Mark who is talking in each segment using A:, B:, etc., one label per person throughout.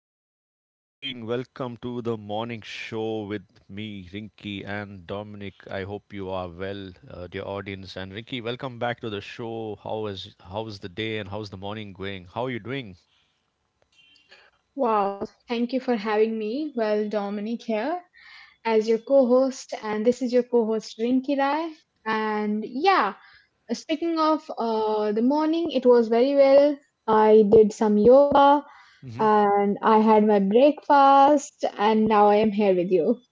A: and how are you doing? Welcome to the morning show with me, Rinky and Dominic. I hope you are well, dear audience. And Rinky, welcome back to the show. How's the day and how's the morning going? How are you doing?
B: Wow, thank you for having me. Well, Dominic here as your co host, and this is your co host Rinki Rai. And yeah, speaking of the morning, it was very well. I did some yoga and I had my breakfast, and now I am here with you.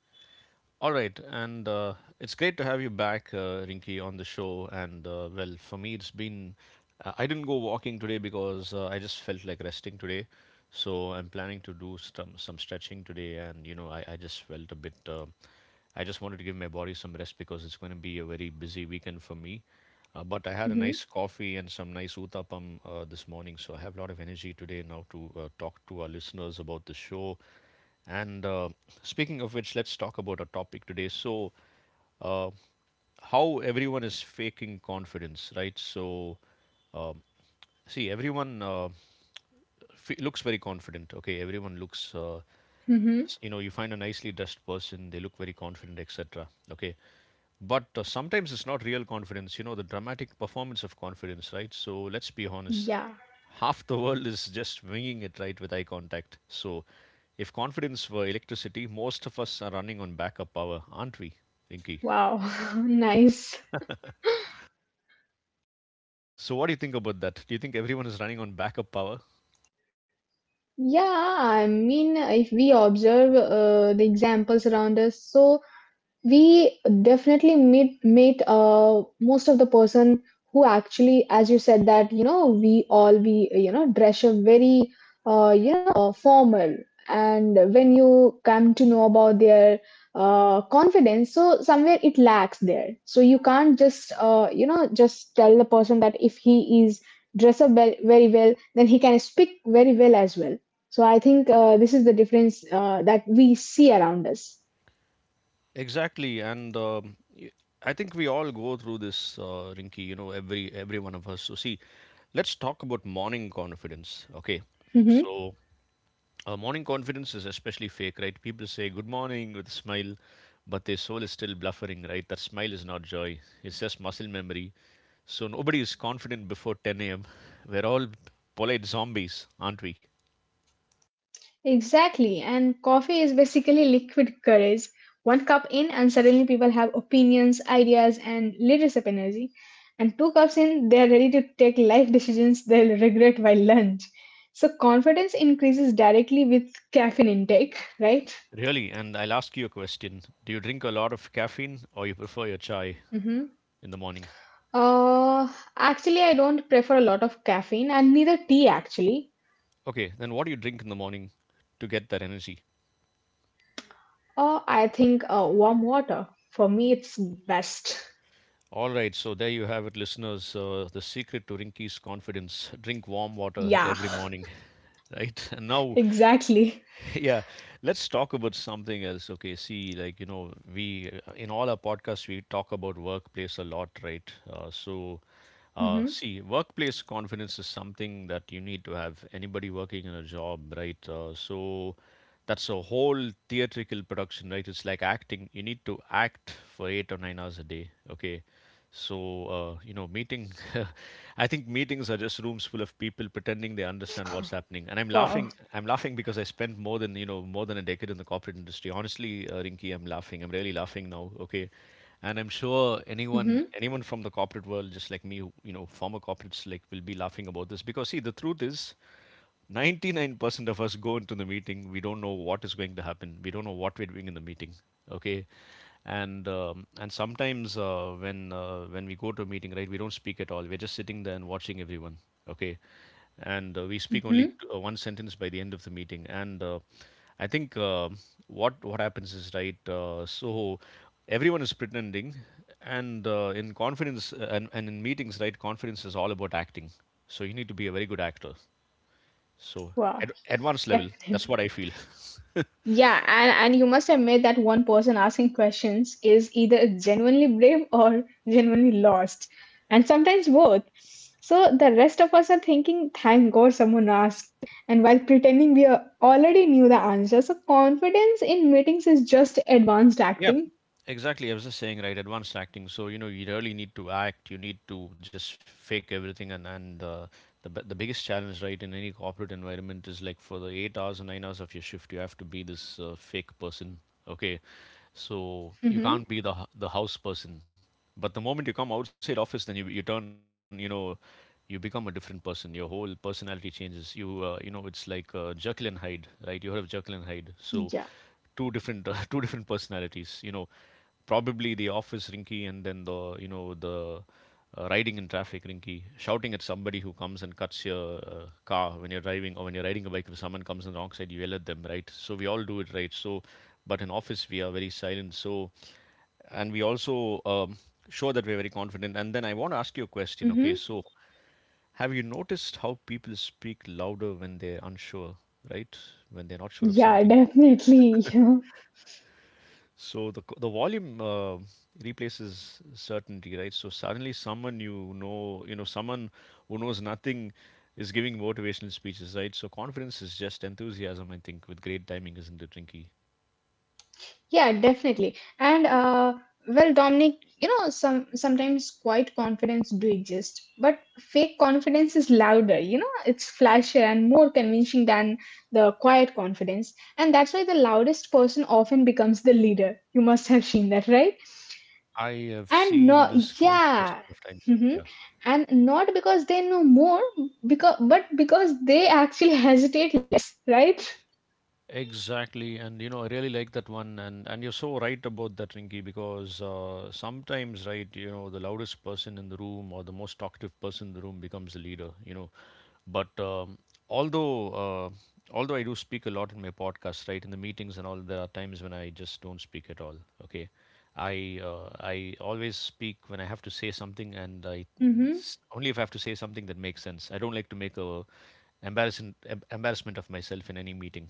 A: All right, and it's great to have you back, Rinky, on the show. And well, for me, it's been. I didn't go walking today because I just felt like resting today, so I'm planning to do some stretching today. And you know, I just felt a bit. I just wanted to give my body some rest because it's going to be a very busy weekend for me. But I had a
B: Hmm.
A: nice coffee and some nice uthapam this morning, so I have a lot of energy today now to talk to our listeners about the show and speaking of which, let's talk about our topic today. So, uh, how everyone is faking confidence, right? So, um, see, everyone looks very confident. Okay, everyone looks.
B: Hmm.
A: You know, you find a nicely dressed person, they look very confident, etc. Okay, but sometimes it's not real confidence, you know, the dramatic performance of confidence, right? So let's be honest,
B: Yeah,
A: half the world is just winging it, right, with eye contact. So if confidence were electricity, most of us are running on backup power, aren't we, Rinky?
B: wow, nice.
A: So, what do you think about that? Do you think everyone is running on backup power?
B: Yeah, I mean, if we observe the examples around us. So we definitely meet most of the person who actually, as you said, that you know we all we you know dress up very uh, you know formal, and when you come to know about their confidence, so somewhere it lacks there. So you can't just just tell the person that if he is dress up well, very well, then he can speak very well as well. So I think this is the difference that we see around us.
A: Exactly, and I think we all go through this, Rinky. You know, every one of us. So, see, let's talk about morning confidence. Okay,
B: Mhm.
A: so morning confidence is especially fake, right? People say good morning with a smile, but their soul is still bluffering, right? That smile is not joy; it's just muscle memory. So nobody is confident before 10 a.m. We're all polite zombies, aren't we?
B: Exactly, and coffee is basically liquid courage. One cup in, and suddenly people have opinions, ideas, and leadership energy. And two cups in, they are ready to take life decisions they'll regret by lunch. So confidence increases directly with caffeine intake, right?
A: Really, and I'll ask you a question. Do you drink a lot of caffeine or you prefer your chai
B: Hmm.
A: in the morning?
B: Uh, actually, I don't prefer a lot of caffeine, and neither tea actually.
A: Okay, then what do you drink in the morning to get that energy?
B: I think warm water for me it's best.
A: All right, so there you have it, listeners. The secret to Rinky's confidence, drink warm water
B: Yeah,
A: every morning, right? And now
B: exactly.
A: yeah, let's talk about something else. Okay, see, like, you know, we in all our podcasts we talk about workplace a lot, right? So,
B: Hmm.
A: see, workplace confidence is something that you need to have anybody working in a job, right? So that's a whole theatrical production, right? It's like acting, you need to act for 8 or 9 hours a day, okay? So, you know, meeting, I think meetings are just rooms full of people pretending they understand what's happening. And
B: Wow.
A: I'm laughing because I spent more than, you know, more than a decade in the corporate industry. Honestly, Rinki, I'm laughing. I'm really laughing now. Okay. And I'm sure anyone,
B: Mm-hmm.
A: anyone from the corporate world, just like me, who- you know, former corporates like will be laughing about this because see, the truth is, 99% of us go into the meeting, we don't know what is going to happen, we don't know what we're doing in the meeting, okay? And and sometimes when we go to a meeting, right, we don't speak at all, we're just sitting there and watching everyone, okay. And we speak only one sentence by the end of the meeting. And uh, i think uh, what happens is, right, so everyone is pretending. And in confidence, and in meetings, right, confidence is all about acting. So you need to be a very good actor. So
B: Wow,
A: advanced level. That's
B: definitely.
A: what I feel.
B: Yeah, and you must admit that one person asking questions is either genuinely brave or genuinely lost, and sometimes both. So the rest of us are thinking, thank God someone asked. And while pretending already knew the answer, so confidence in meetings is just advanced
A: Yeah,
B: acting.
A: exactly. I was just saying, right? Advanced acting. So you know, you really need to act. You need to just fake everything. And the biggest challenge, right, in any corporate environment is like for the 8 hours or 9 hours of your shift, you have to be this fake person. Okay, so you
B: Mm-hmm.
A: can't be the the house person, but the moment you come outside office, then you turn, you know, you become a different person, your whole personality changes. You you know, it's like Jekyll and Hyde, right? You heard of Jekyll and Hyde. So
B: Yeah.
A: two different two different personalities, you know, probably the office Rinky, and then the, you know, the riding in traffic Rinky, shouting at somebody who comes and cuts your car when you're driving, or when you're riding a bike, if someone comes on the wrong side you yell at them, right? So we all do it, right? So but in office we are very silent. So and we also show that we're very confident. And then I want to ask you a question, okay?
B: Mm-hmm.
A: So have you noticed how people speak louder when they're unsure, right, when they're not sure of
B: Yeah,
A: something?
B: definitely. Yeah.
A: So the the volume replaces certainty, right? So suddenly someone, you know, someone who knows nothing is giving motivational speeches, right? So confidence is just enthusiasm, I think, with great timing, isn't it, Rinky?
B: Yeah, definitely. And well, Dominic, you know, sometimes quiet confidence do exist, but fake confidence is louder. You know, it's flashier and more convincing than the quiet confidence, and that's why the loudest person often becomes the leader. You must have seen that, right?
A: I have seen
B: And
A: this
B: no,
A: countless number
B: yeah.
A: of times. Yeah.
B: Hmm. And not because they know more, because but because they actually hesitate, right?
A: Exactly, and you know, I really like that one, and you're so right about that, Rinky, because sometimes, right, you know, the loudest person in the room or the most talkative person in the room becomes the leader, you know. But although uh, although I do speak a lot in my podcast, right, in the meetings and all, there are times when I just don't speak at all. Okay, I always speak when I have to say something, and I
B: Mm-hmm.
A: only if I have to say something that makes sense. I don't like to make a embarrassment of myself in any meeting,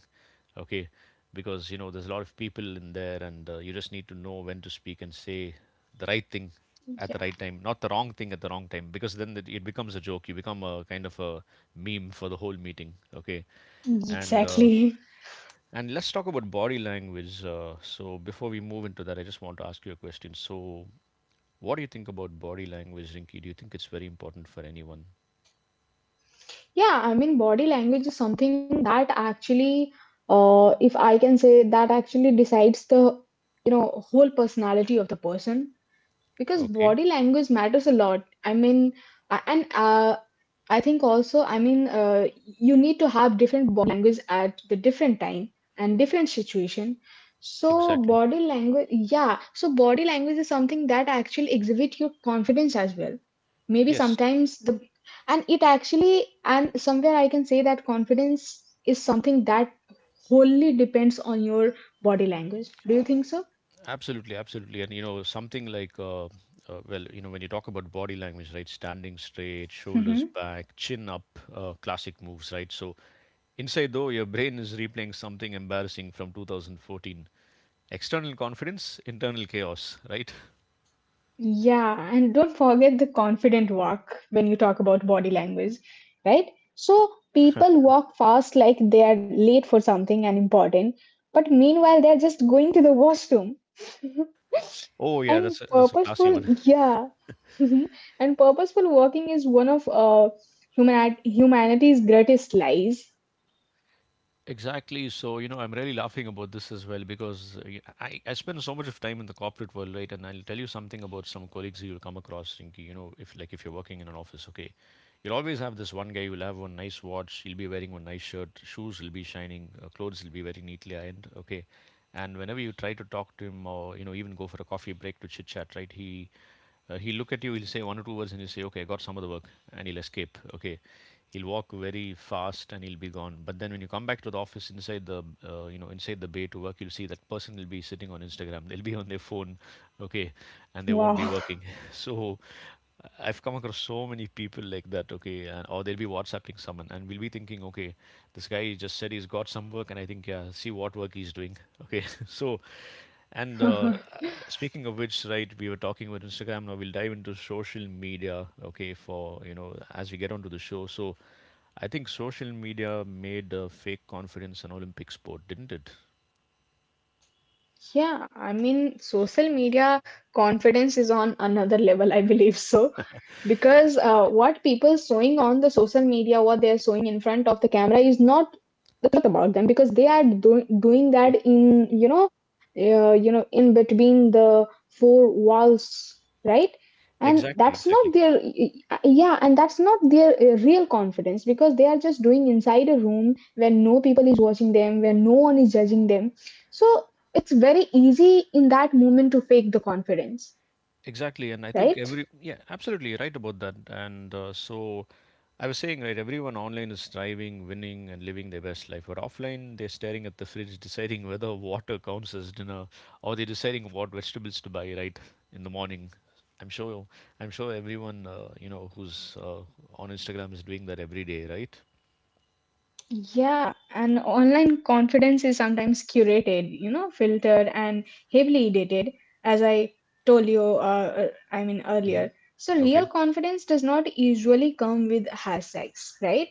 A: okay? Because you know there's a lot of people in there, and you just need to know when to speak and say the right thing at the right time, not the wrong thing at the wrong time. Because then it becomes a joke. You become a kind of a meme for the whole meeting, okay?
B: Yeah,
A: And uh,
B: exactly.
A: and let's talk about body language. So before we move into that, I just want to ask you a question. So, what do you think about body language, Rinky? Do you think it's very important for anyone?
B: Yeah, I mean, body language is something that actually, if I can say, that actually decides the, whole personality of the person, because
A: Okay,
B: body language matters a lot. I mean, and I think also, I mean, you need to have different body language at the different time and different situation. So
A: exactly.
B: body language. Yeah, so body language is something that actually exhibit your confidence as well. Maybe
A: Yes,
B: sometimes the, and it actually, and somewhere I can say that confidence is something that wholly depends on your body language. Do you think so?
A: absolutely, absolutely. And you know, something like, well, you know, when you talk about body language, right? Standing straight, shoulders back, chin up, classic moves, right? So inside though, your brain is replaying something embarrassing from 2014. External confidence, internal chaos, right?
B: Yeah, and don't forget the confident walk when you talk about body language, right? So people walk fast like they are late for something and important, but meanwhile they're just going to the washroom.
A: Oh yeah,
B: And
A: that's a
B: purposeful,
A: classy one.
B: yeah. And purposeful walking is one of humanity's greatest lies.
A: Exactly. So, you know, I'm really laughing about this as well because I spend so much of time in the corporate world, right? And I'll tell you something about some colleagues you'll come across, Rinky. You know, if like if you're working in an office, okay, you'll always have this one guy who'll have one nice watch, he'll be wearing one nice shirt, shoes will be shining, clothes will be very neatly ironed, okay. And whenever you try to talk to him or, you know, even go for a coffee break to chit chat, right, he'll look at you, he'll say one or two words, and he'll say, okay, I got some of the work, and he'll escape. Okay. He'll walk very fast and he'll be gone. But then when you come back to the office inside the, you know, inside the bay to work, you'll see that person will be sitting on Instagram. They'll be on their phone, okay, and they won't be
B: Wow.
A: working. So I've come across so many people like that, okay, and, or they'll be WhatsApping someone and we'll be thinking, okay, this guy just said he's got some work, and I think, yeah, see what work he's doing, okay. So, and speaking of which, right, we were talking about Instagram. Now we'll dive into social media, okay, for, you know, as we get onto the show. So I think social media made fake confidence an Olympic sport, didn't it?
B: Yeah, I mean, social media confidence is on another level, I believe so. Because what people showing on the social media, what they're showing in front of the camera is not the truth about them, because they are do doing
A: Okay,
B: that in, you know, in between the four walls, right? And
A: exactly,
B: that's
A: exactly.
B: not their, yeah, and that's not their real confidence, because they are just doing inside a where no people is watching them, where no one is judging them. So it's very easy in that moment to fake the confidence,
A: Exactly, and I think
B: right?
A: every, yeah, absolutely right about that. And so, I was saying right, everyone online is striving, winning, and living their best life. But offline, they're staring at the fridge, deciding whether water counts as dinner, or they're deciding what vegetables to buy right in the morning. I'm sure, I'm sure everyone you know who's on Instagram is doing that every day, right?
B: Yeah, and online confidence is sometimes curated, filtered and heavily edited, as I told you, I mean,
A: hmm
B: earlier. So real
A: Okay.
B: confidence does not usually come with hashtags, right?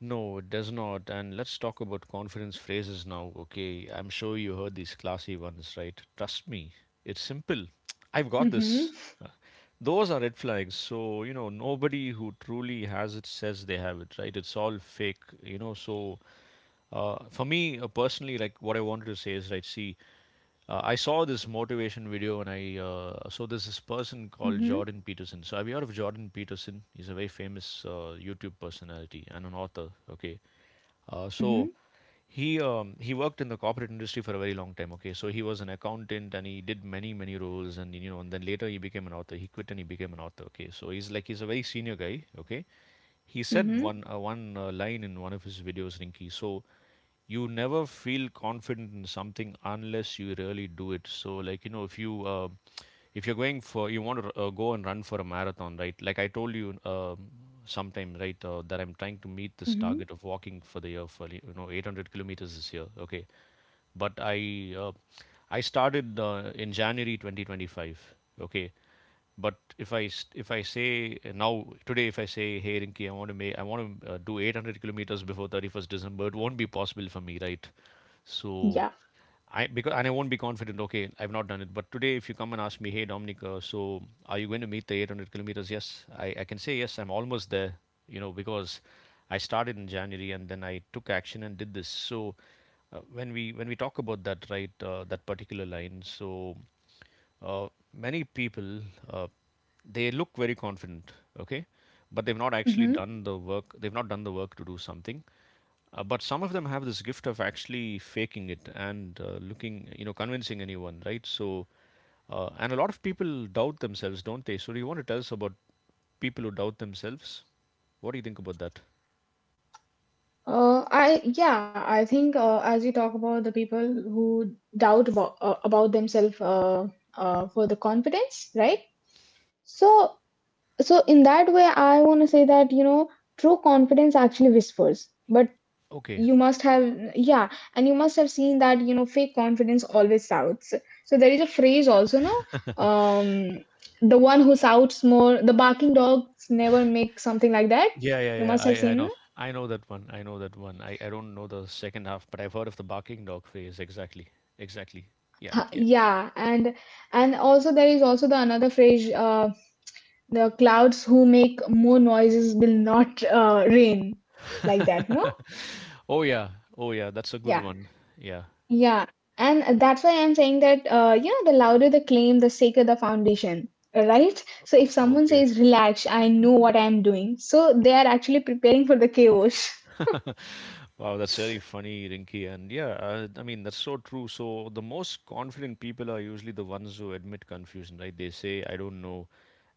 A: No, it does not. And let's talk about confidence phrases now, okay? I'm sure you heard these classy ones, right? Trust me, it's simple. I've got
B: Mm-hmm,
A: this. Uh, Those are red flags. So, you know, nobody who truly has it says they have it, right? It's all fake, you know? So, for me personally, like what I wanted to say is, right, see, I saw this motivation video and I so there's this person called
B: mm-hmm,
A: Jordan Peterson. So have you heard of Jordan Peterson? He's a very famous YouTube personality and an author. Okay, uh, so
B: mm-hmm,
A: he um, he worked in the corporate industry for a very long time. Okay, so he was an accountant and he did many roles, and you know, and then later he became an author. He quit and he became an author. Okay, so he's a very senior guy. Okay, he said one
B: mm-hmm,
A: uh, one uh, line in one of his videos, Rinky. So you never feel confident in something unless you really do it. So like you know, if you're going for you want to go and run for a marathon, right? Like I told you sometime, right, that I'm trying to meet this
B: mm-hmm.
A: target of walking for the year for you know 800 kilometers this year. Okay, but I started in January 2025. Okay, but if I say now today, if I say, hey Rinki, I want to do 800 kilometers before 31st December, it won't be possible for me, right? So I because and I won't be confident. Okay, I've not done it. But today, if you come and ask me, hey Dominic, are you going to meet the 800 kilometers? Yes, I can say yes. I'm almost there. You know, because I started in January and then I took action and did this. So when we talk about that, right, that particular line, so uh, many people, uh, they look very confident, okay, but they've not actually
B: Yeah.
A: done the work. They've not done the work to do something. But some of them have this gift of actually faking it and looking, you know, convincing anyone, right? So, and a lot of people doubt themselves, don't they? So, do you want to tell us about people who doubt themselves? What do you think about that?
B: I yeah, I think as you talk about the people who doubt about themselves for the confidence, right? So in that way, I want to say that true confidence actually whispers. But
A: Okay.
B: you must have yeah, and you must have seen that fake confidence always shouts. So there is a phrase also, no, the one who shouts more, the barking dogs never make something like that.
A: Yeah,
B: You
A: yeah, yeah.
B: must have
A: I
B: seen.
A: know. I know that one. I know that one. I don't know the second half, but I've heard of the barking dog phase. Exactly. Exactly. Yeah, yeah.
B: Yeah, and also there is also the another phrase, the clouds who make more noises will not rain, like that, no?
A: Oh, yeah. Oh, yeah. That's a good
B: Yeah,
A: one. Yeah.
B: yeah, and that's why I'm saying that yeah, the louder the claim, the safer the foundation, right? So if someone
A: Okay.
B: says relax, I know what I'm doing, so they are actually preparing for the chaos.
A: Wow, that's very funny, Rinky. And yeah, I mean, that's so true. So the most confident people are usually the ones who admit confusion, right? They say, I don't know.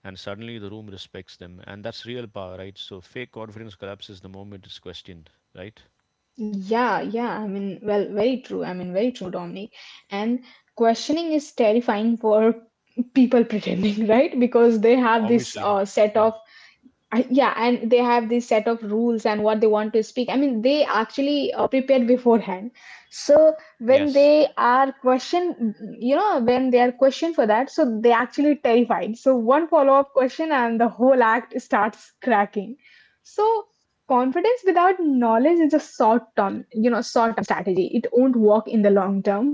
A: And suddenly the room respects them. And that's real power, right? So fake confidence collapses the moment it's questioned, right?
B: Yeah, yeah. I mean, well, very true. I mean, very true, Dominic. And questioning is terrifying for people pretending, right? Because they have this
A: Obviously.
B: set
A: Yeah.
B: of, yeah, and they have this set of rules and what they want to speak. I mean, they actually prepared beforehand, so when
A: Yes.
B: they are questioned, when they are questioned for that, so they actually terrified. So one follow-up question and the whole act starts cracking. So confidence without knowledge is a short term strategy. It won't work in the long term.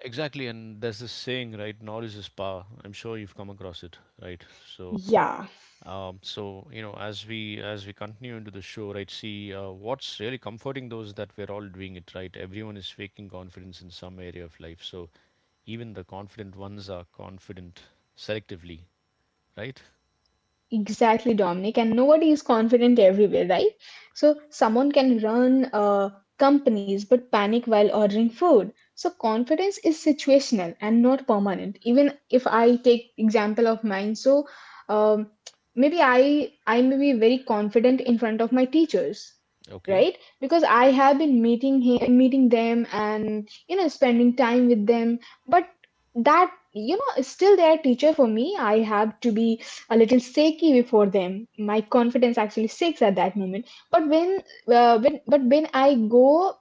A: Exactly, and there's this saying, right? Knowledge is power. I'm sure you've come across it, right? So,
B: Yeah,
A: so, you know, as we continue into the show, right? See, what's really comforting though is that we're all doing it, right? Everyone is faking confidence in some area of life. So even the confident ones are confident selectively, right?
B: exactly, Dominic, and nobody is confident everywhere, right? So someone can run companies but panic while ordering food. So confidence is situational and not permanent. Even if I take example of mine, so um, maybe I may be very confident in front of my teachers,
A: Okay.
B: right? Because I have been meeting him, meeting them, and spending time with them. But that still their teacher for me. I have to be a little shaky before them. My confidence actually shakes at that moment. But when, but when I go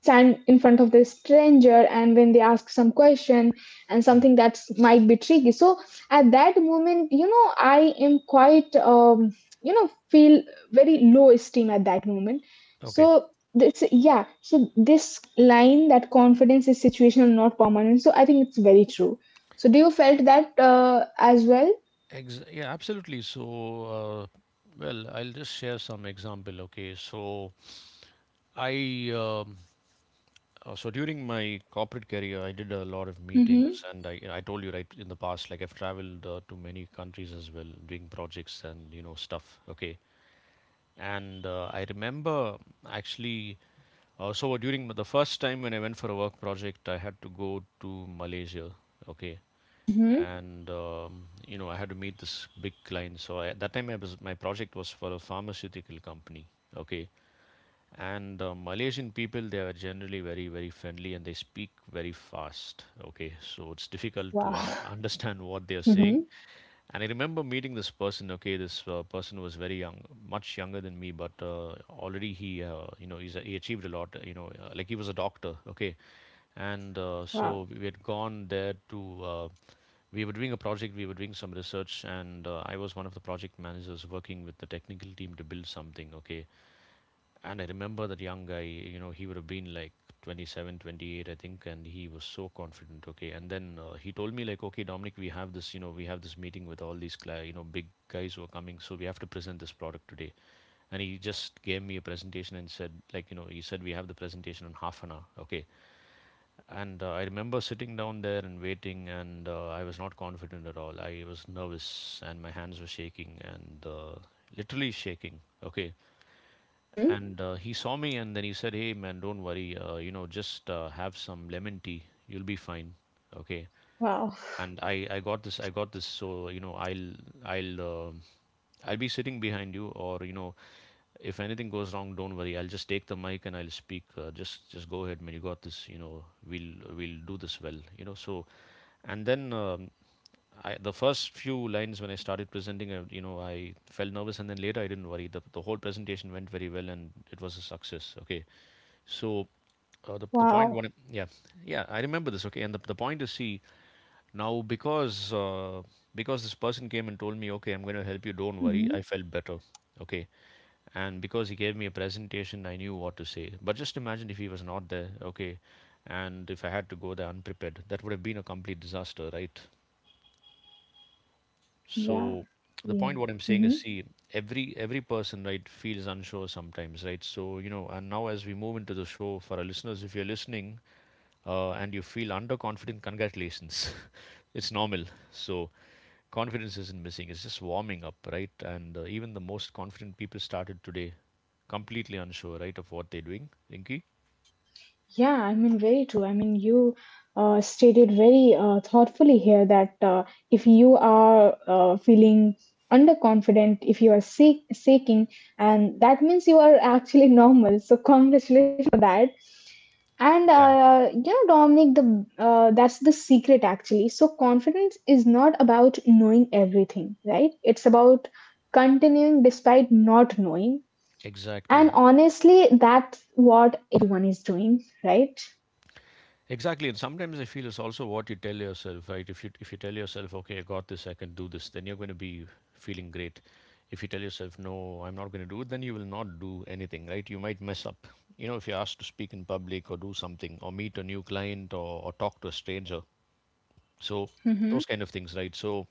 B: stand in front of this stranger and when they ask some question and
A: Mm.
B: something that's might be tricky, so at that moment, I am quite, feel very low esteem at that moment.
A: Okay.
B: So this, yeah, so this line that confidence is situational, not permanent. So I think it's very true. So do you felt that as well?
A: Yeah, absolutely. So, uh, well, I'll just share some example. Okay, so I. So during my corporate career, I did a lot of
B: Mm-hmm.
A: meetings, and I told you, right, in the past, like I've traveled to many countries as well, doing projects and you know stuff. Okay, and I remember actually, so during the first time when I went for a work project, I had to go to Malaysia. Okay,
B: Mm-hmm.
A: and you know, I had to meet this big client. So I, at that time, I was my project was for a pharmaceutical company. Okay, and Malaysian people, they are generally very friendly and they speak very fast, okay, so it's difficult to
B: Wow.
A: understand what they are saying.
B: Mm-hmm.
A: And I remember meeting this person, okay, this person was very young, much younger than me, but already he you know, he achieved a lot, you know, like he was a doctor, okay. And uh,
B: Wow.
A: so we had gone there to we were doing a project, we were doing some research, and I was one of the project managers working with the technical team to build something, okay. And I remember that young guy, you know, he would have been like 27, 28, I think, and he was so confident. Okay. And then he told me, like, okay, Dominic, we have this, you know, we have this meeting with all these, you know, big guys who are coming. So we have to present this product today. And he just gave me a presentation and said, like, you know, he said, we have the presentation in half an hour. Okay. And I remember sitting down there and waiting, and I was not confident at all. I was nervous and my hands were shaking, and literally shaking. Okay.
B: Mm-hmm.
A: And he saw me and then he said, Hey, man, don't worry. You know, just have some lemon tea. You'll be fine. Okay.
B: Wow.
A: And I got this, I got this, so you know, I'll um I'll be sitting behind you, or you know, if anything goes wrong, don't worry, I'll just take the mic and I'll speak, just go ahead, man, you got this, you know, we'll do this well, you know. So and then I, the first few lines when I started presenting, I, you know, I felt nervous, and then later I didn't worry. The whole presentation went very well, and it was a success. Okay, so the point
B: Wow.
A: one, yeah, yeah, I remember this. Okay, and the point is, see, now, because this person came and told me, okay, I'm going to help you. Don't worry. I
B: Mm-hmm.
A: felt better. Okay, and because he gave me a presentation, I knew what to say. But just imagine if he was not there. Okay, and if I had to go there unprepared, that would have been a complete disaster, right?
B: Yeah.
A: So the
B: Yeah.
A: point what I'm saying is,
B: Mm-hmm.
A: see, every person, right, feels unsure sometimes, right? So you know, and now as we move into the show for our listeners, if you're listening and you feel underconfident, congratulations, it's normal. So confidence isn't missing, it's just warming up, right? And even the most confident people started today completely unsure, right, of what they're doing, Rinky?
B: Yeah, I mean, very true. I mean, you stated very thoughtfully here that if you are feeling underconfident, if you are seeking, and that means you are actually normal. So congratulations for that. And
A: Yeah.
B: Dominic, the that's the secret actually. So confidence is not about knowing everything, right? It's about continuing despite not knowing. And
A: Exactly.
B: honestly, that's what everyone is doing, right?
A: Exactly. And sometimes I feel it's also what you tell yourself, right? If you tell yourself, okay, I got this, I can do this, then you're going to be feeling great. If you tell yourself, no, I'm not going to do it, then you will not do anything, right? You might mess up. You know, if you're asked to speak in public or do something or meet a new client or talk to a stranger. So those
B: Hmm.
A: kind of things, right? So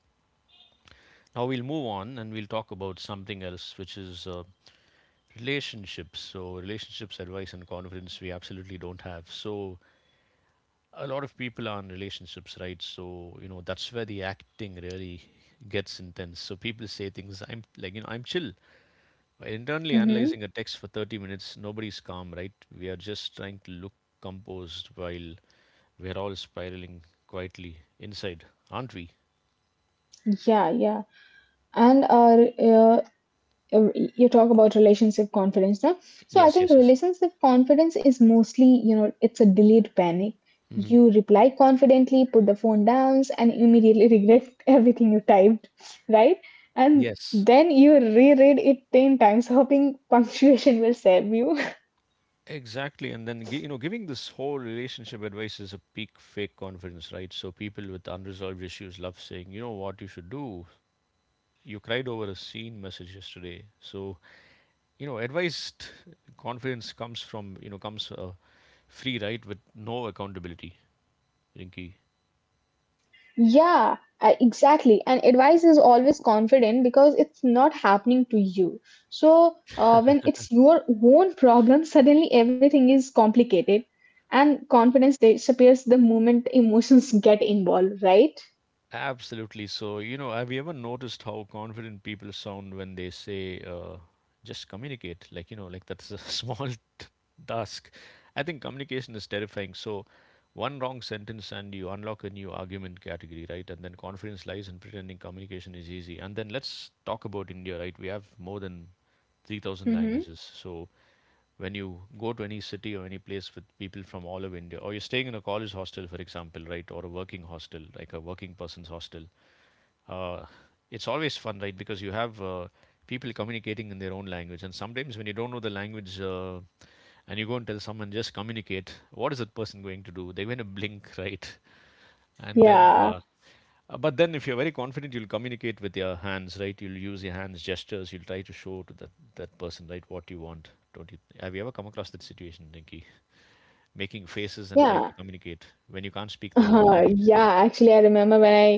A: now we'll move on and we'll talk about something else, which is relationships. So, relationships advice and conference we absolutely don't have. So, a lot of people are in relationships, right? So, you know, that's where the acting really gets intense. So, people say things, I'm like, you know, I'm chill. By internally
B: Mm-hmm.
A: analyzing a text for 30 minutes, nobody's calm, right? We are just trying to look composed while we're all spiraling quietly inside, aren't we?
B: Yeah, yeah. And uh, you talk about relationship confidence now. So I
A: Yes,
B: think
A: yes, yes.
B: relationship confidence is mostly, it's a delayed panic.
A: hmm
B: You reply confidently, put the phone down, and immediately regret everything you typed, right? And
A: Yes.
B: then you reread it 10 times, hoping punctuation will save you.
A: Exactly, and then you know, giving this whole relationship advice is a peak fake confidence, right? So people with unresolved issues love saying, "You know what you should do? You cried over a scene message yesterday." So you know, advised confidence comes from you know comes free, right, with no accountability, Rinky.
B: Yeah, exactly. And advice is always confident because it's not happening to you. So, when it's your own problem, suddenly everything is complicated and confidence disappears the moment emotions get involved, right?
A: Absolutely. So, you know, have you ever noticed how confident people sound when they say, just communicate? Like, you know, like that's a small t- task. I think communication is terrifying. So, one wrong sentence and you unlock a new argument category, right? And then confidence lies in pretending communication is easy. And then let's talk about India, right? We have more than 3,000
B: Hmm.
A: languages. So, when you go to any city or any place with people from all over India, or you're staying in a college hostel, for example, right, or a working hostel, like a working person's hostel, uh, it's always fun, right, because you have people communicating in their own language. And sometimes when you don't know the language and you go and tell someone, just communicate, what is that person going to do? They're going to blink, right? And then,
B: Yeah,
A: but then if you're very confident, you'll communicate with your hands, right? You'll use your hands, gestures, you'll try to show to that person, right, what you want. Don't you? Have you ever come across that situation, Rinki? Making faces and
B: yeah,
A: trying to communicate when you can't speak the local language.
B: yeah. Actually, I remember when I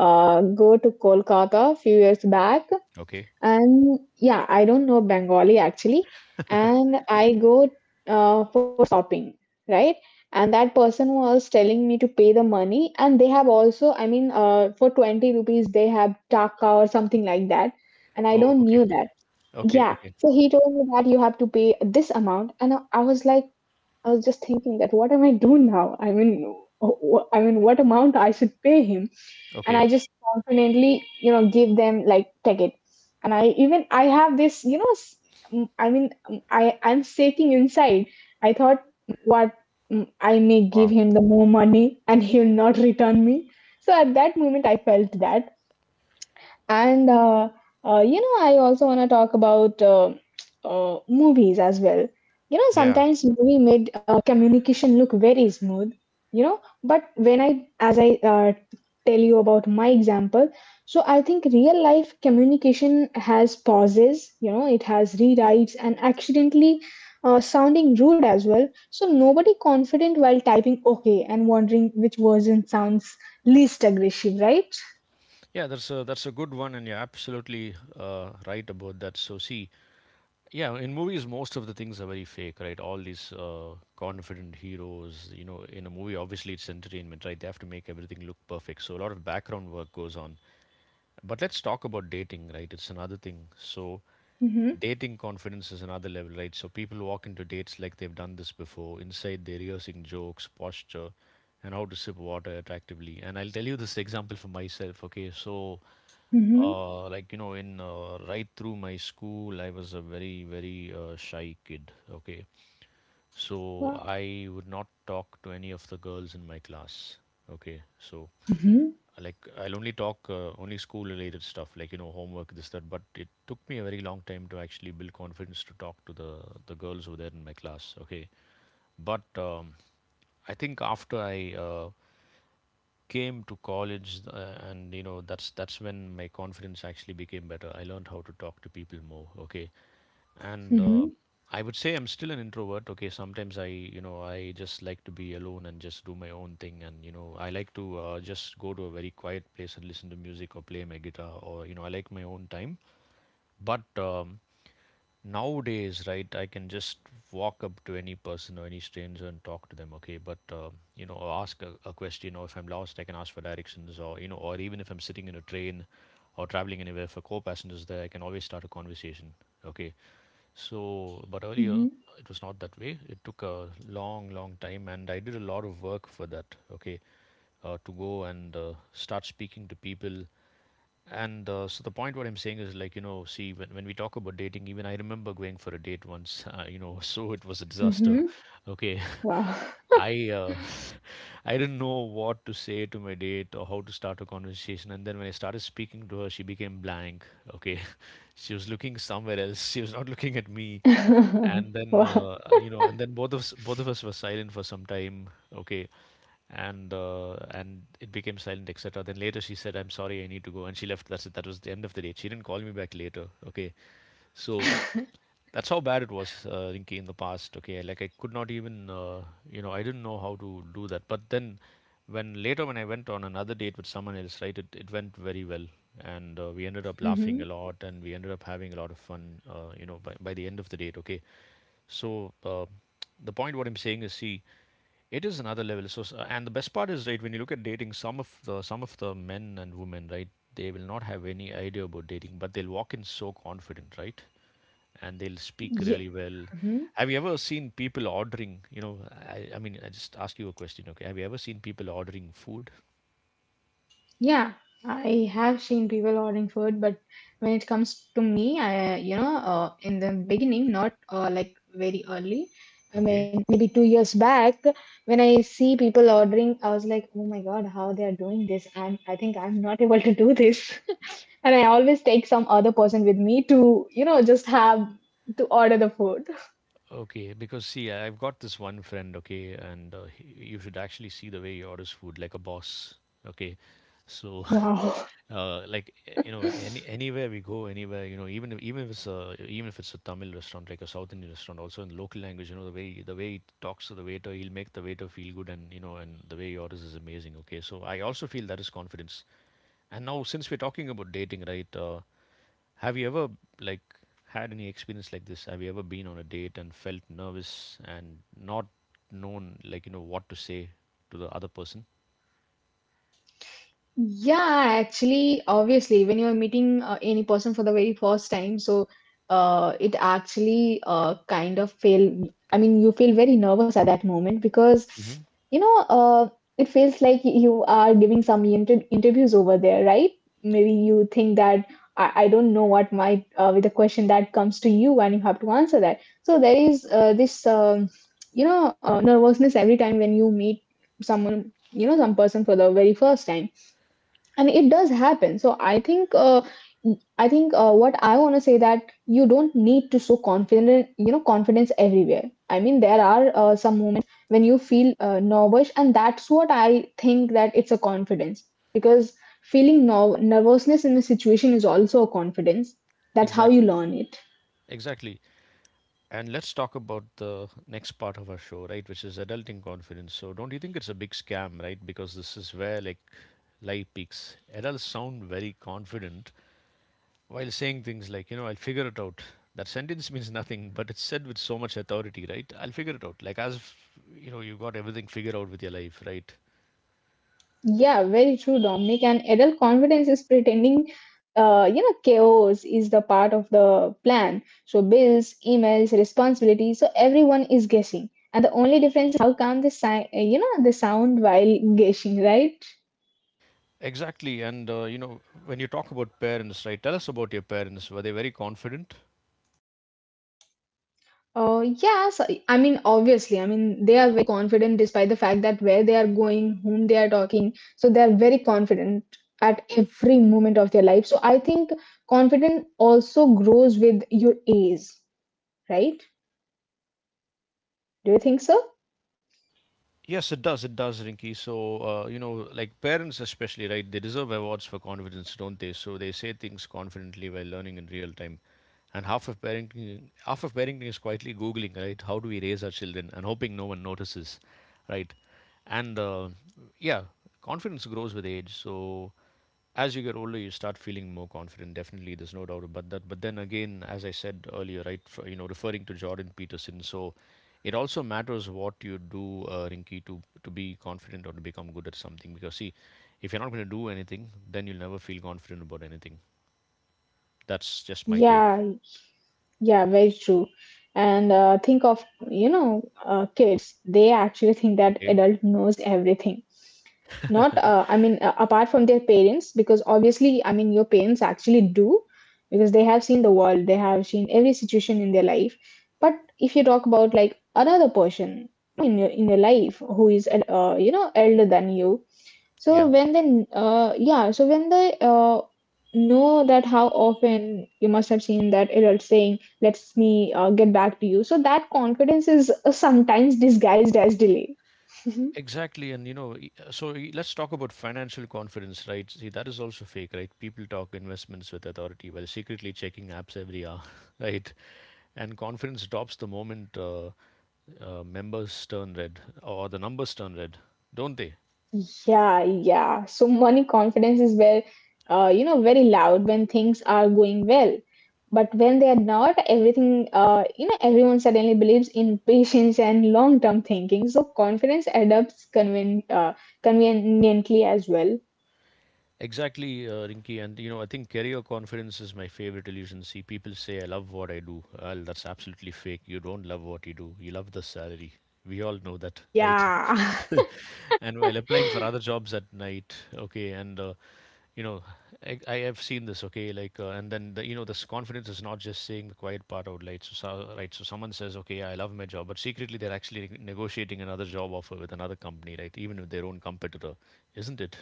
B: go to Kolkata a few years back.
A: Okay.
B: And yeah, I don't know Bengali actually. And I go for shopping, right? And that person was telling me to pay the money. And they have also, I mean, for 20 rupees, they have taka or something like that. And I
A: Oh,
B: don't
A: okay.
B: knew that.
A: Okay.
B: Yeah.
A: Okay.
B: So he told me that you have to pay this amount. And I was like, I was just thinking that what am I doing now? I mean, I mean, what amount I should pay him? And I
A: Okay.
B: just confidently, give them like take it. And I even I have this, I mean, I'm shaking inside. I thought, what, I may
A: Wow.
B: give him the more money and he'll not return me. So at that moment, I felt that. And I also want to talk about movies as well. You know,
A: Yeah.
B: sometimes movie made communication look very smooth. But when I, as I tell you about my example, so I think real life communication has pauses. It has rewrites and accidentally sounding rude as well. So nobody confident while typing okay and wondering which version sounds least aggressive, right?
A: Yeah, that's a good one, and you're absolutely right about that. So see, yeah, in movies, most of the things are very fake, right? All these confident heroes, in a movie, obviously it's entertainment, right? They have to make everything look perfect. So a lot of background work goes on. But let's talk about dating, right? It's another thing. So
B: Mm-hmm.
A: dating confidence is another level, right? So people walk into dates like they've done this before. Inside, they're rehearsing jokes, posture, and how to sip water attractively. And I'll tell you this example for myself, okay? So.
B: Mm-hmm.
A: Like you know, in right through my school, I was a very very shy kid. Okay, so
B: Wow.
A: I would not talk to any of the girls in my class. Okay, so like I'll only talk only school related stuff, like homework this that. But it took me a very long time to actually build confidence to talk to the girls over there in my class. Okay, but I think after I came to college and that's when my confidence actually became better. I learned how to talk to people more. Okay, and
B: Mhm.
A: I would say I'm still an introvert. Okay, sometimes I you know I just like to be alone and just do my own thing. And I like to just go to a very quiet place and listen to music or play my guitar. Or I like my own time. But nowadays, right, I can just walk up to any person or any stranger and talk to them. Okay, but or ask a question. Or if I'm lost, I can ask for directions. Or or even if I'm sitting in a train or traveling anywhere, if a co-passenger's there, I can always start a conversation. Okay, so but earlier
B: Mhm.
A: it was not that way. It took a long long time and I did a lot of work for that. Okay, to go and start speaking to people. And so the point what I'm saying is, like see, when we talk about dating, even I remember going for a date once, so it was a disaster.
B: Mhm.
A: Okay,
B: Wow.
A: I I didn't know what to say to my date or how to start a conversation. And then when I started speaking to her, she became blank. Okay, she was looking somewhere else. She was not looking at me. And then
B: Wow.
A: both of us were silent for some time. Okay, and it became silent et cetera. Then later she said, I'm sorry, I need to go. And she left. That's it. That was the end of the date. She didn't call me back later. Okay, so that's how bad it was, Rinky, in the past. Okay, like I could not even, I didn't know how to do that. But then, when later when I went on another date with someone else, right, it went very well. And we ended up laughing
B: Mhm.
A: a lot. And we ended up having a lot of fun, by the end of the date. Okay, so the point what I'm saying is, see, it is another level. So, and the best part is, right, when you look at dating, some of the men and women, right, they will not have any idea about dating, but they'll walk in so confident, right? And they'll speak
B: Yeah.
A: really well.
B: Mhm.
A: Have you ever seen people ordering? You know, I mean, I just ask you a question, okay? Have you ever seen people ordering food?
B: Yeah. I have seen people ordering food, but when it comes to me, in the beginning, not like very early. I
A: Okay.
B: mean, maybe 2 years back, when I see people ordering, I was like, oh my god, how they are doing this? I think I'm not able to do this. And I always take some other person with me to, just have to order the food.
A: Okay, because see, I've got this one friend, okay, and you should actually see the way he orders food like a boss, okay? So
B: Wow.
A: like, in anywhere we go, anywhere even if it's a Tamil restaurant, like a South Indian restaurant, also in the local language, the way he talks to the waiter, he'll make the waiter feel good. And and the way he orders is amazing. Okay, so I also feel that is confidence. And now, since we're talking about dating, right? Have you ever like had any experience like this? Have you ever been on a date and felt nervous and not known, like what to say to the other person?
B: Yeah, actually, obviously, when you're meeting any person for the very first time, so it actually kind of feel, I mean, you feel very nervous at that moment because,
A: Hmm.
B: you know, uh, it feels like you are giving some interviews over there, right? Maybe you think that I don't know what might with the question that comes to you and you have to answer that. So there is nervousness every time when you meet someone, you know, some person for the very first time, and it does happen. So I think what I want to say that you don't need to show confident, you know, confidence everywhere. I mean, there are some moments when you feel nervous, and that's what I think, that it's a confidence, because feeling nervousness in a situation is also a confidence. That's how you
A: Exactly.
B: learn it.
A: Exactly. And let's talk about the next part of our show, right, which is adulting confidence. So, don't you think it's a big scam, right? Because this is where like lie peaks. Adults sound very confident while saying things like, I'll figure it out. That sentence means nothing, but it's said with so much authority, right? I'll figure it out. Like as if, you got everything figured out with your life, right?
B: Yeah, very true, Dominic. And adult confidence is pretending, you know, chaos is the part of the plan. So bills, emails, responsibilities. So everyone is guessing, and the only difference is how calm the you know, the sound while guessing, right?
A: Exactly. And, when you talk about parents, right, tell us about your parents. Were they very confident?
B: Yes, I mean, obviously, I mean, they are very confident despite the fact that where they are going, whom they are talking. So they are very confident at every moment of their life. So I think confidence also grows with your age, right? Do you think so?
A: Yes, it does. It does, Rinky. So, like parents especially, right? They deserve awards for confidence, don't they? So they say things confidently while learning in real time. And half of parenting is quietly googling, right? How do we raise our children and hoping no one notices, right? And yeah, confidence grows with age. So as you get older, you start feeling more confident. Definitely, there's no doubt about that. But then again, as I said earlier, right, for, you know referring to Jordan Peterson. So it also matters what you do, Rinky, to be confident or to become good at something. Because see, if you're not going to do anything, then you'll never feel confident about anything. That's just my take.
B: Yeah, yeah, very true. And think of, you know, kids, they actually think that
A: Okay.
B: adult knows everything. Not, I mean, apart from their parents, because obviously, I mean, your parents actually do, because they have seen the world, they have seen every situation in their life. But if you talk about like another person in your life who is, you know, elder than you, so
A: Yeah.
B: when they yeah, so when they know that how often you must have seen that adult saying, "Let's me get back to you," so that confidence is sometimes disguised as delay.
A: Exactly, and you know, e- so e- let's talk about financial confidence, right? See, that is also fake, right? People talk investments with authority while secretly checking apps every hour, right? And confidence drops the moment members turn red or the numbers turn red, don't they?
B: Yeah, yeah. So money confidence is where, you know, very loud when things are going well. But when they are not, everything, you know, everyone suddenly believes in patience and long-term thinking. So confidence adapts conveniently as well.
A: Exactly, Rinki. And I think career confidence is my favorite illusion. See, people say, I love what I do. Well, that's absolutely fake. You don't love what you do, you love the salary. We all know that, right?
B: Yeah.
A: And while applying for other jobs at night, okay, and you know, I have seen this, okay, like, and then this confidence is not just saying the quiet part out loud. So, right, so someone says, okay, I love my job, but secretly they're actually negotiating another job offer with another company, right? Even with their own competitor, isn't it?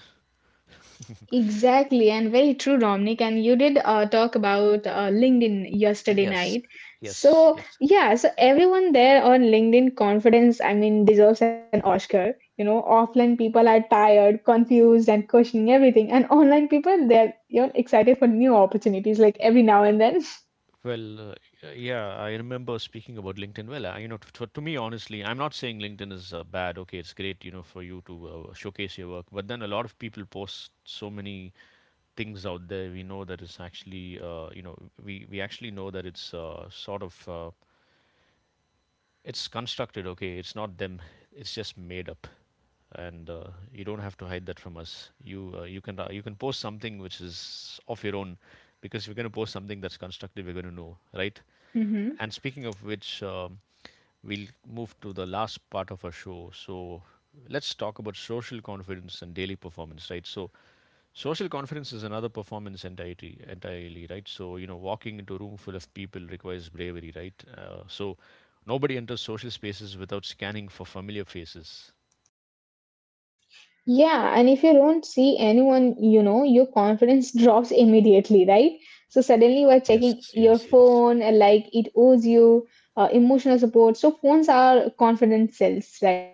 B: Exactly, and very true, Dominic. And you did talk about LinkedIn yesterday
A: Yes,
B: night.
A: yes,
B: So,
A: yes.
B: yeah, so everyone there on LinkedIn confidence, I mean, deserves an Oscar. You know, offline people are tired, confused, and questioning everything. And online people, they're, you know, excited for new opportunities like every now and then.
A: Well, yeah, I remember speaking about LinkedIn. Well, I, you know, to me, honestly, I'm not saying LinkedIn is bad. Okay, it's great, for you to showcase your work. But then a lot of people post so many things out there. We know that it's actually, we actually know that it's sort of. It's constructed. Okay, it's not them. It's just made up. And you don't have to hide that from us. You can post something which is of your own. Because if you're going to post something that's constructive, we're going to know, right? And speaking of which, we'll move to the last part of our show. So let's talk about social confidence and daily performance, right? So social confidence is another performance entirely, right? So, walking into a room full of people requires bravery, right? So, nobody enters social spaces without scanning for familiar faces.
B: Yeah, and if you don't see anyone, you know, your confidence drops immediately, right? So suddenly you are
A: Yes,
B: checking your
A: yes, yes.
B: phone, like it owes you emotional support. So phones are confidence cells, right?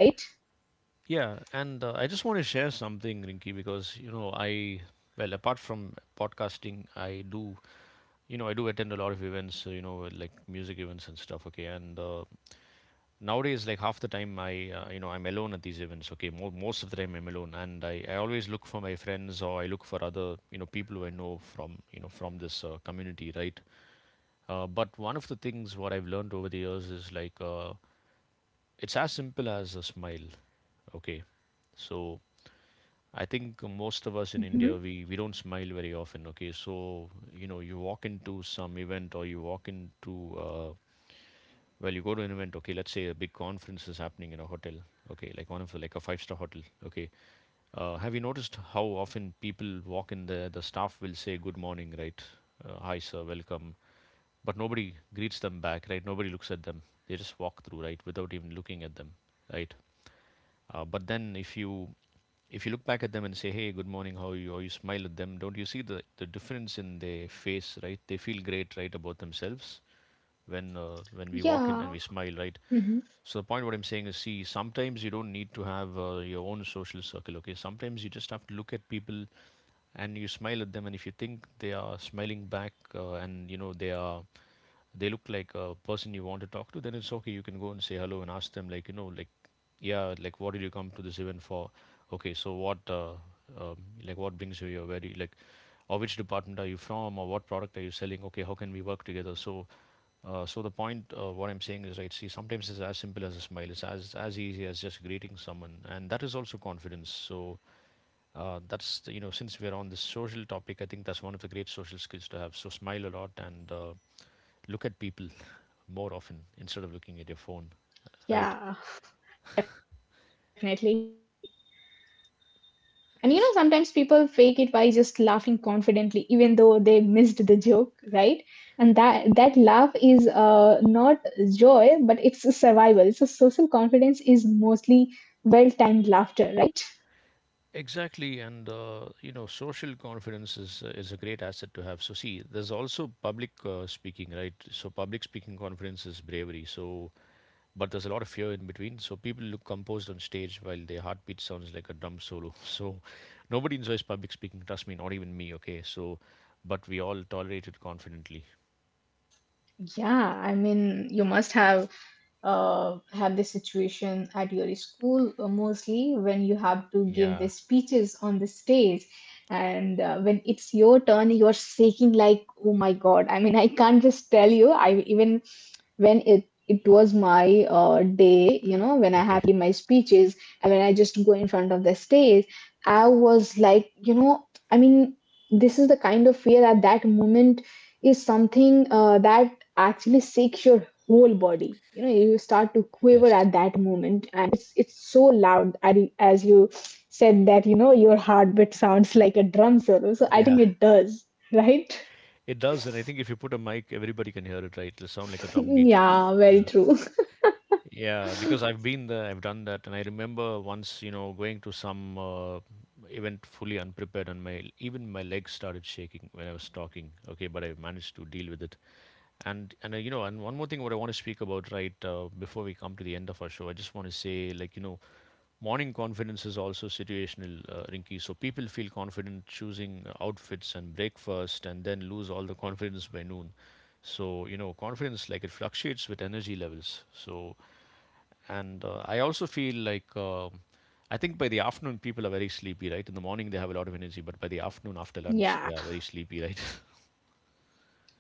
A: Yeah, and I just want to share something, Rinky, because, you know, apart from podcasting, I do attend a lot of events, you know, like music events and stuff, okay? And nowadays, like half the time I I'm alone at these events, okay. Most of the time I'm alone, and I always look for my friends, or I look for other people who I know from, from this community, right? But one of the things what I've learned over the years is like, it's as simple as a smile, okay. So I think most of us in
B: Hmm.
A: India, we don't smile very often. Okay, so you know, you walk into some event, or you walk into well, you go to an event, okay, let's say a big conference is happening in a hotel, okay, like a five-star hotel, okay. Have you noticed how often people walk in there, the staff will say good morning, right? Hi, sir, welcome. But nobody greets them back, right? Nobody looks at them. They just walk through, right, without even looking at them, right? But then if you look back at them and say, "Hey, good morning, how are you," or you smile at them, don't you see the difference in their face, right? They feel great, right, about themselves when we walk in and
B: Yeah.
A: we smile, right?
B: Hmm.
A: So the point what I'm saying is, see, sometimes you don't need to have your own social circle. Okay, sometimes you just have to look at people and you smile at them, and if you think they are smiling back, and you know they are, they look like a person you want to talk to, then it's okay. You can go and say hello and ask them, like, you know, like, yeah, like, what did you come to this event for? Okay, so um, like, what brings you here? Where do you like? Or which department are you from, or what product are you selling, okay? How can we work together? So so the point, what I'm saying is, right, see, sometimes it's as simple as a smile. It's as easy as just greeting someone, and that is also confidence. So you know, since we're on this social topic, I think that's one of the great social skills to have. So smile a lot and look at people more often instead of looking at your phone. Right.
B: Yeah, definitely. And you know, sometimes people fake
A: S-
B: it by just laughing confidently, even though they missed the joke, right? And that laugh is not joy, but it's survival. So social confidence is mostly well-timed laughter, right?
A: Exactly, and you know, social confidence is a great asset to have. So see, there's also public speaking, right? So public speaking confidence is bravery. So but there's a lot of fear in between. So people look composed on stage while their heartbeat sounds like a drum solo. So nobody enjoys public speaking. Trust me, not even me. Okay, so but we all tolerate it confidently.
B: Yeah, I mean, you must have this situation at your school mostly when you have to give
A: Yeah.
B: the speeches on the stage, and when it's your turn, you're shaking like, oh my God. I mean, I can't just tell you. I even when it was my day, you know, when I
A: Okay.
B: have to give my speeches, and when I just go in front of the stage, I was like, you know, I mean, this is the kind of fear at that moment is something that actually shakes your whole body. You know, you start to quiver
A: Yes.
B: at that moment, and it's so loud, and as you said that, you know, your heartbeat sounds like a drum solo, so I
A: Yeah.
B: think it does, right?
A: It does, and I think if you put a mic, everybody can hear it. Right? It'll sound like a drum beat.
B: Yeah, very
A: Yeah.
B: true.
A: Yeah, because I've been there, I've done that, and I remember once, you know, going to some event fully unprepared, and my even my legs started shaking when I was talking. Okay, but I managed to deal with it. And you know, and one more thing, what I want to speak about, right, before we come to the end of our show, I just want to say, like, you know, morning confidence is also situational, Rinky. So people feel confident choosing outfits and breakfast, and then lose all the confidence by noon. So, you know, confidence, like, it fluctuates with energy levels. So and I also feel like I think by the afternoon people are very sleepy, right? In the morning they have a lot of energy, but by the afternoon after lunch they
B: Yeah.
A: are very sleepy, right?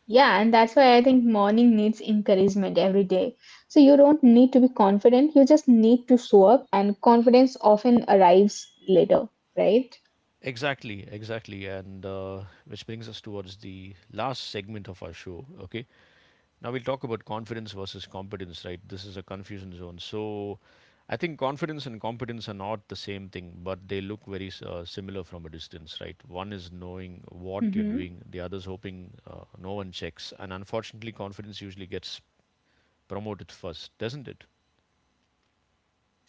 B: Yeah, and that's why I think morning needs encouragement every day. So you don't need to be confident, you just need to show up, and confidence often arrives later, right?
A: Exactly, exactly. And which brings us towards the last segment of our show. Okay, now we'll talk about confidence versus competence, right? This is a confusion zone. So I think confidence and competence are not the same thing, but they look very similar from a distance, right? One is knowing what you're
B: Hmm.
A: doing, the other is hoping no one checks. And unfortunately, confidence usually gets promote it first, doesn't it?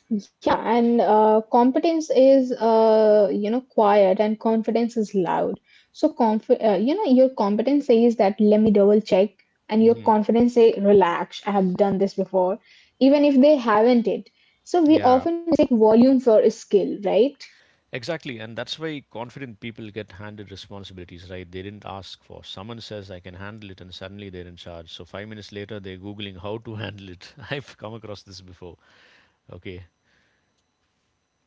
B: Yeah, and competence is, you know, quiet, and confidence is loud. So conf you know, your competence says that let me double check, and your
A: Hmm.
B: confidence say relax, I have done this before, even if they haven't it. So we
A: Yeah.
B: often take volume for skill, right?
A: Exactly, and that's why confident people get handed responsibilities, right? They didn't ask for. Someone says, I can handle it, and suddenly they're in charge. So, 5 minutes later, they're Googling how to handle it. I've come across this before. Okay.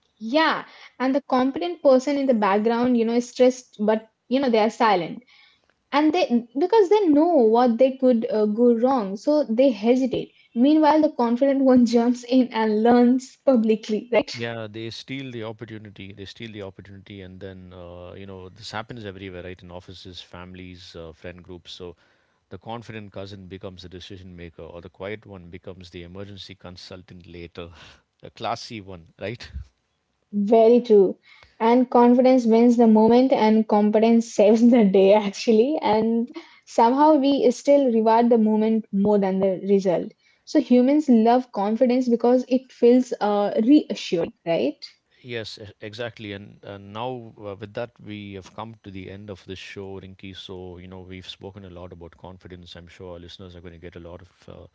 B: Yeah, and the competent person in the background, you know, is stressed, but you know they are silent, and they, because they know what they could go wrong, so they hesitate. Meanwhile, the confident one jumps in and learns publicly, right?
A: Yeah, they steal the opportunity. They steal the opportunity, and then, you know, this happens everywhere, right? In offices, families, friend groups. So, the confident cousin becomes the decision maker, or the quiet one becomes the emergency consultant later. A classy one, right?
B: Very true. And confidence wins the moment and competence saves the day, actually, and somehow we still reward the moment more than the result. So humans love confidence because it feels reassuring, right?
A: Yes, exactly. And now, with that, we have come to the end of this show, Rinki. So, you know, we've spoken a lot about confidence. I'm sure our listeners are going to get a lot of,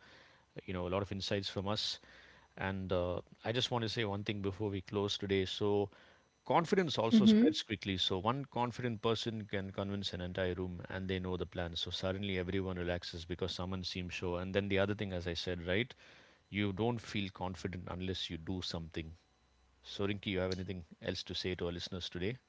A: you know, a lot of insights from us. And I just want to say one thing before we close today. So, confidence also spreads quickly. So, one confident person can convince an entire room and they know the plan. So, suddenly everyone relaxes because someone seems sure. And then the other thing, as I said, right? You don't feel confident unless you do something. So, Rinki, you have anything else to say to our listeners today?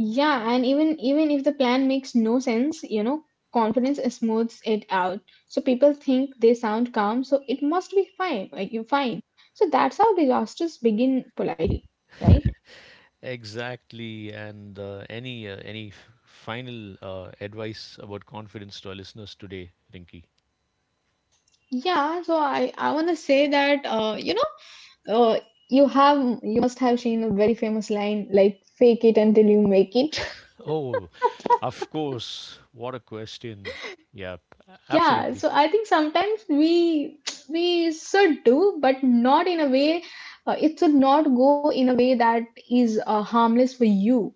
B: Yeah, and even even if the plan makes no sense, you know, confidence smooths it out. So people think they sound calm, so it must be fine, like you're fine. So that's how disasters begin polite, right?
A: Exactly. And any f- final advice about confidence to our listeners today, Rinki?
B: Yeah, so I want to say that uh, you have you must have seen a very famous line like fake it until you make it.
A: Oh, of course. What a question. Yeah,
B: Yeah,
A: absolutely.
B: so I think sometimes we we should do, but not in a way. It should not go in a way that is harmless for you.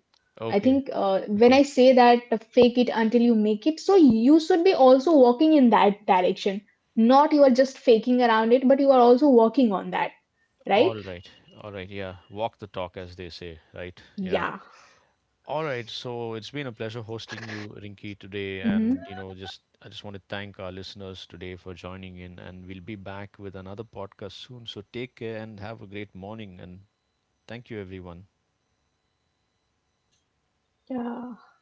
B: I
A: Okay,
B: think when I
A: okay.
B: say that fake it until you make it, so you should be also walking in that direction. Not you are just faking around it, but you are also working on that, right?
A: All right, all right. Yeah, walk the talk, as they say, right? Yeah.
B: Yeah.
A: All right, so it's been a pleasure hosting you, Rinki, today,
B: Hmm.
A: and you know, just I just want to thank our listeners today for joining in, and we'll be back with another podcast soon. So take care and have a great morning, and thank you, everyone.
B: Yeah.